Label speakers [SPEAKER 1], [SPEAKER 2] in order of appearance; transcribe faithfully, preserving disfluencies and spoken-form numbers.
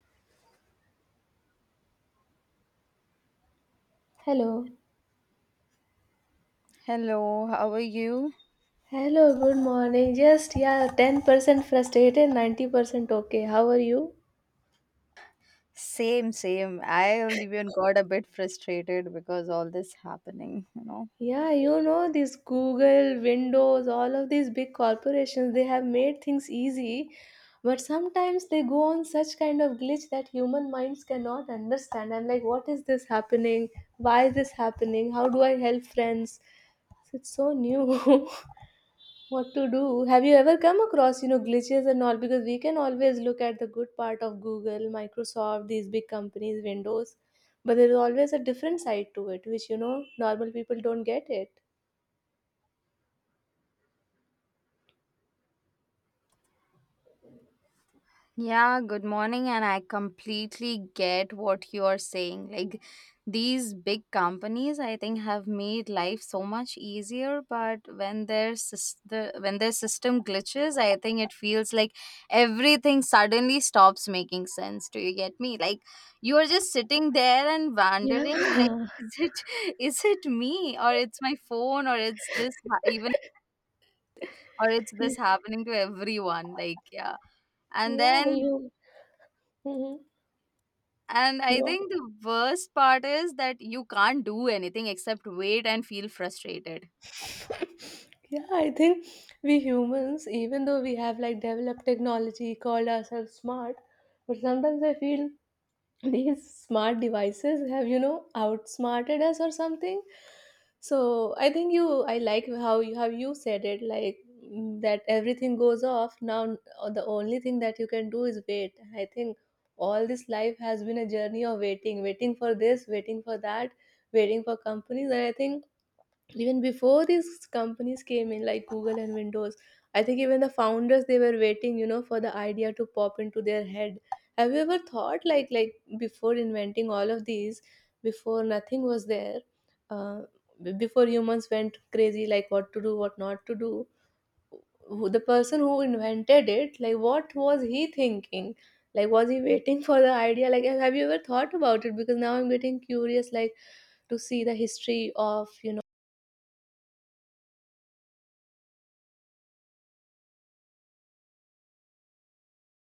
[SPEAKER 1] Hello.
[SPEAKER 2] Hello, how are you?
[SPEAKER 1] Hello, good morning. Just, yeah, ten percent frustrated, ninety percent okay. How are you?
[SPEAKER 2] Same, same. I even got a bit frustrated because all this happening, you know.
[SPEAKER 1] Yeah, you know, these Google, Windows, all of these big corporations, they have made things easy, but sometimes they go on such kind of glitch that human minds cannot understand. I'm like, what is this happening? Why is this happening? How do I help friends? It's so new. What to do? Have you ever come across, you know glitches and all? Because we can always look at the good part of Google, Microsoft, these big companies, Windows, but there is always a different side to it which, you know normal people don't get it.
[SPEAKER 2] Yeah, good morning. And I completely get what you are saying. Like these big companies, I think, have made life so much easier. But when their sys- the when their system glitches, I think it feels like everything suddenly stops making sense. Do you get me? Like you are just sitting there and wondering, like,
[SPEAKER 1] Yeah.
[SPEAKER 2] is it is it me or it's my phone or it's this ha- even or it's
[SPEAKER 1] Y-
[SPEAKER 2] this happening to everyone? Like, yeah. and
[SPEAKER 1] yeah,
[SPEAKER 2] then
[SPEAKER 1] you. Hmm.
[SPEAKER 2] And I
[SPEAKER 1] Go.
[SPEAKER 2] think the worst part is that you can't do anything except wait and feel frustrated.
[SPEAKER 1] Yeah, I think we humans, even though we have like developed technology, called ourselves smart, but sometimes I feel these smart devices have, you know outsmarted us or something. So I think, you I like how you how you said it, like, mm, that everything goes off now. Uh, the only thing that you can do is wait, I think. All this life has been a journey of waiting. Waiting for this, waiting for that, waiting for companies. And I think even before these companies came in, like Google and Windows, I think even the founders, they were waiting, you know, for the idea to pop into their head. Have you ever thought, like like before inventing all of these, before nothing was there? uh, b- Before humans went crazy, like, what to do, what not to do, who, the person who invented it, like, what was he thinking? Like, was he waiting for the idea? Like, have you ever thought about it? Because now I'm getting curious, like, to see the history of, you know.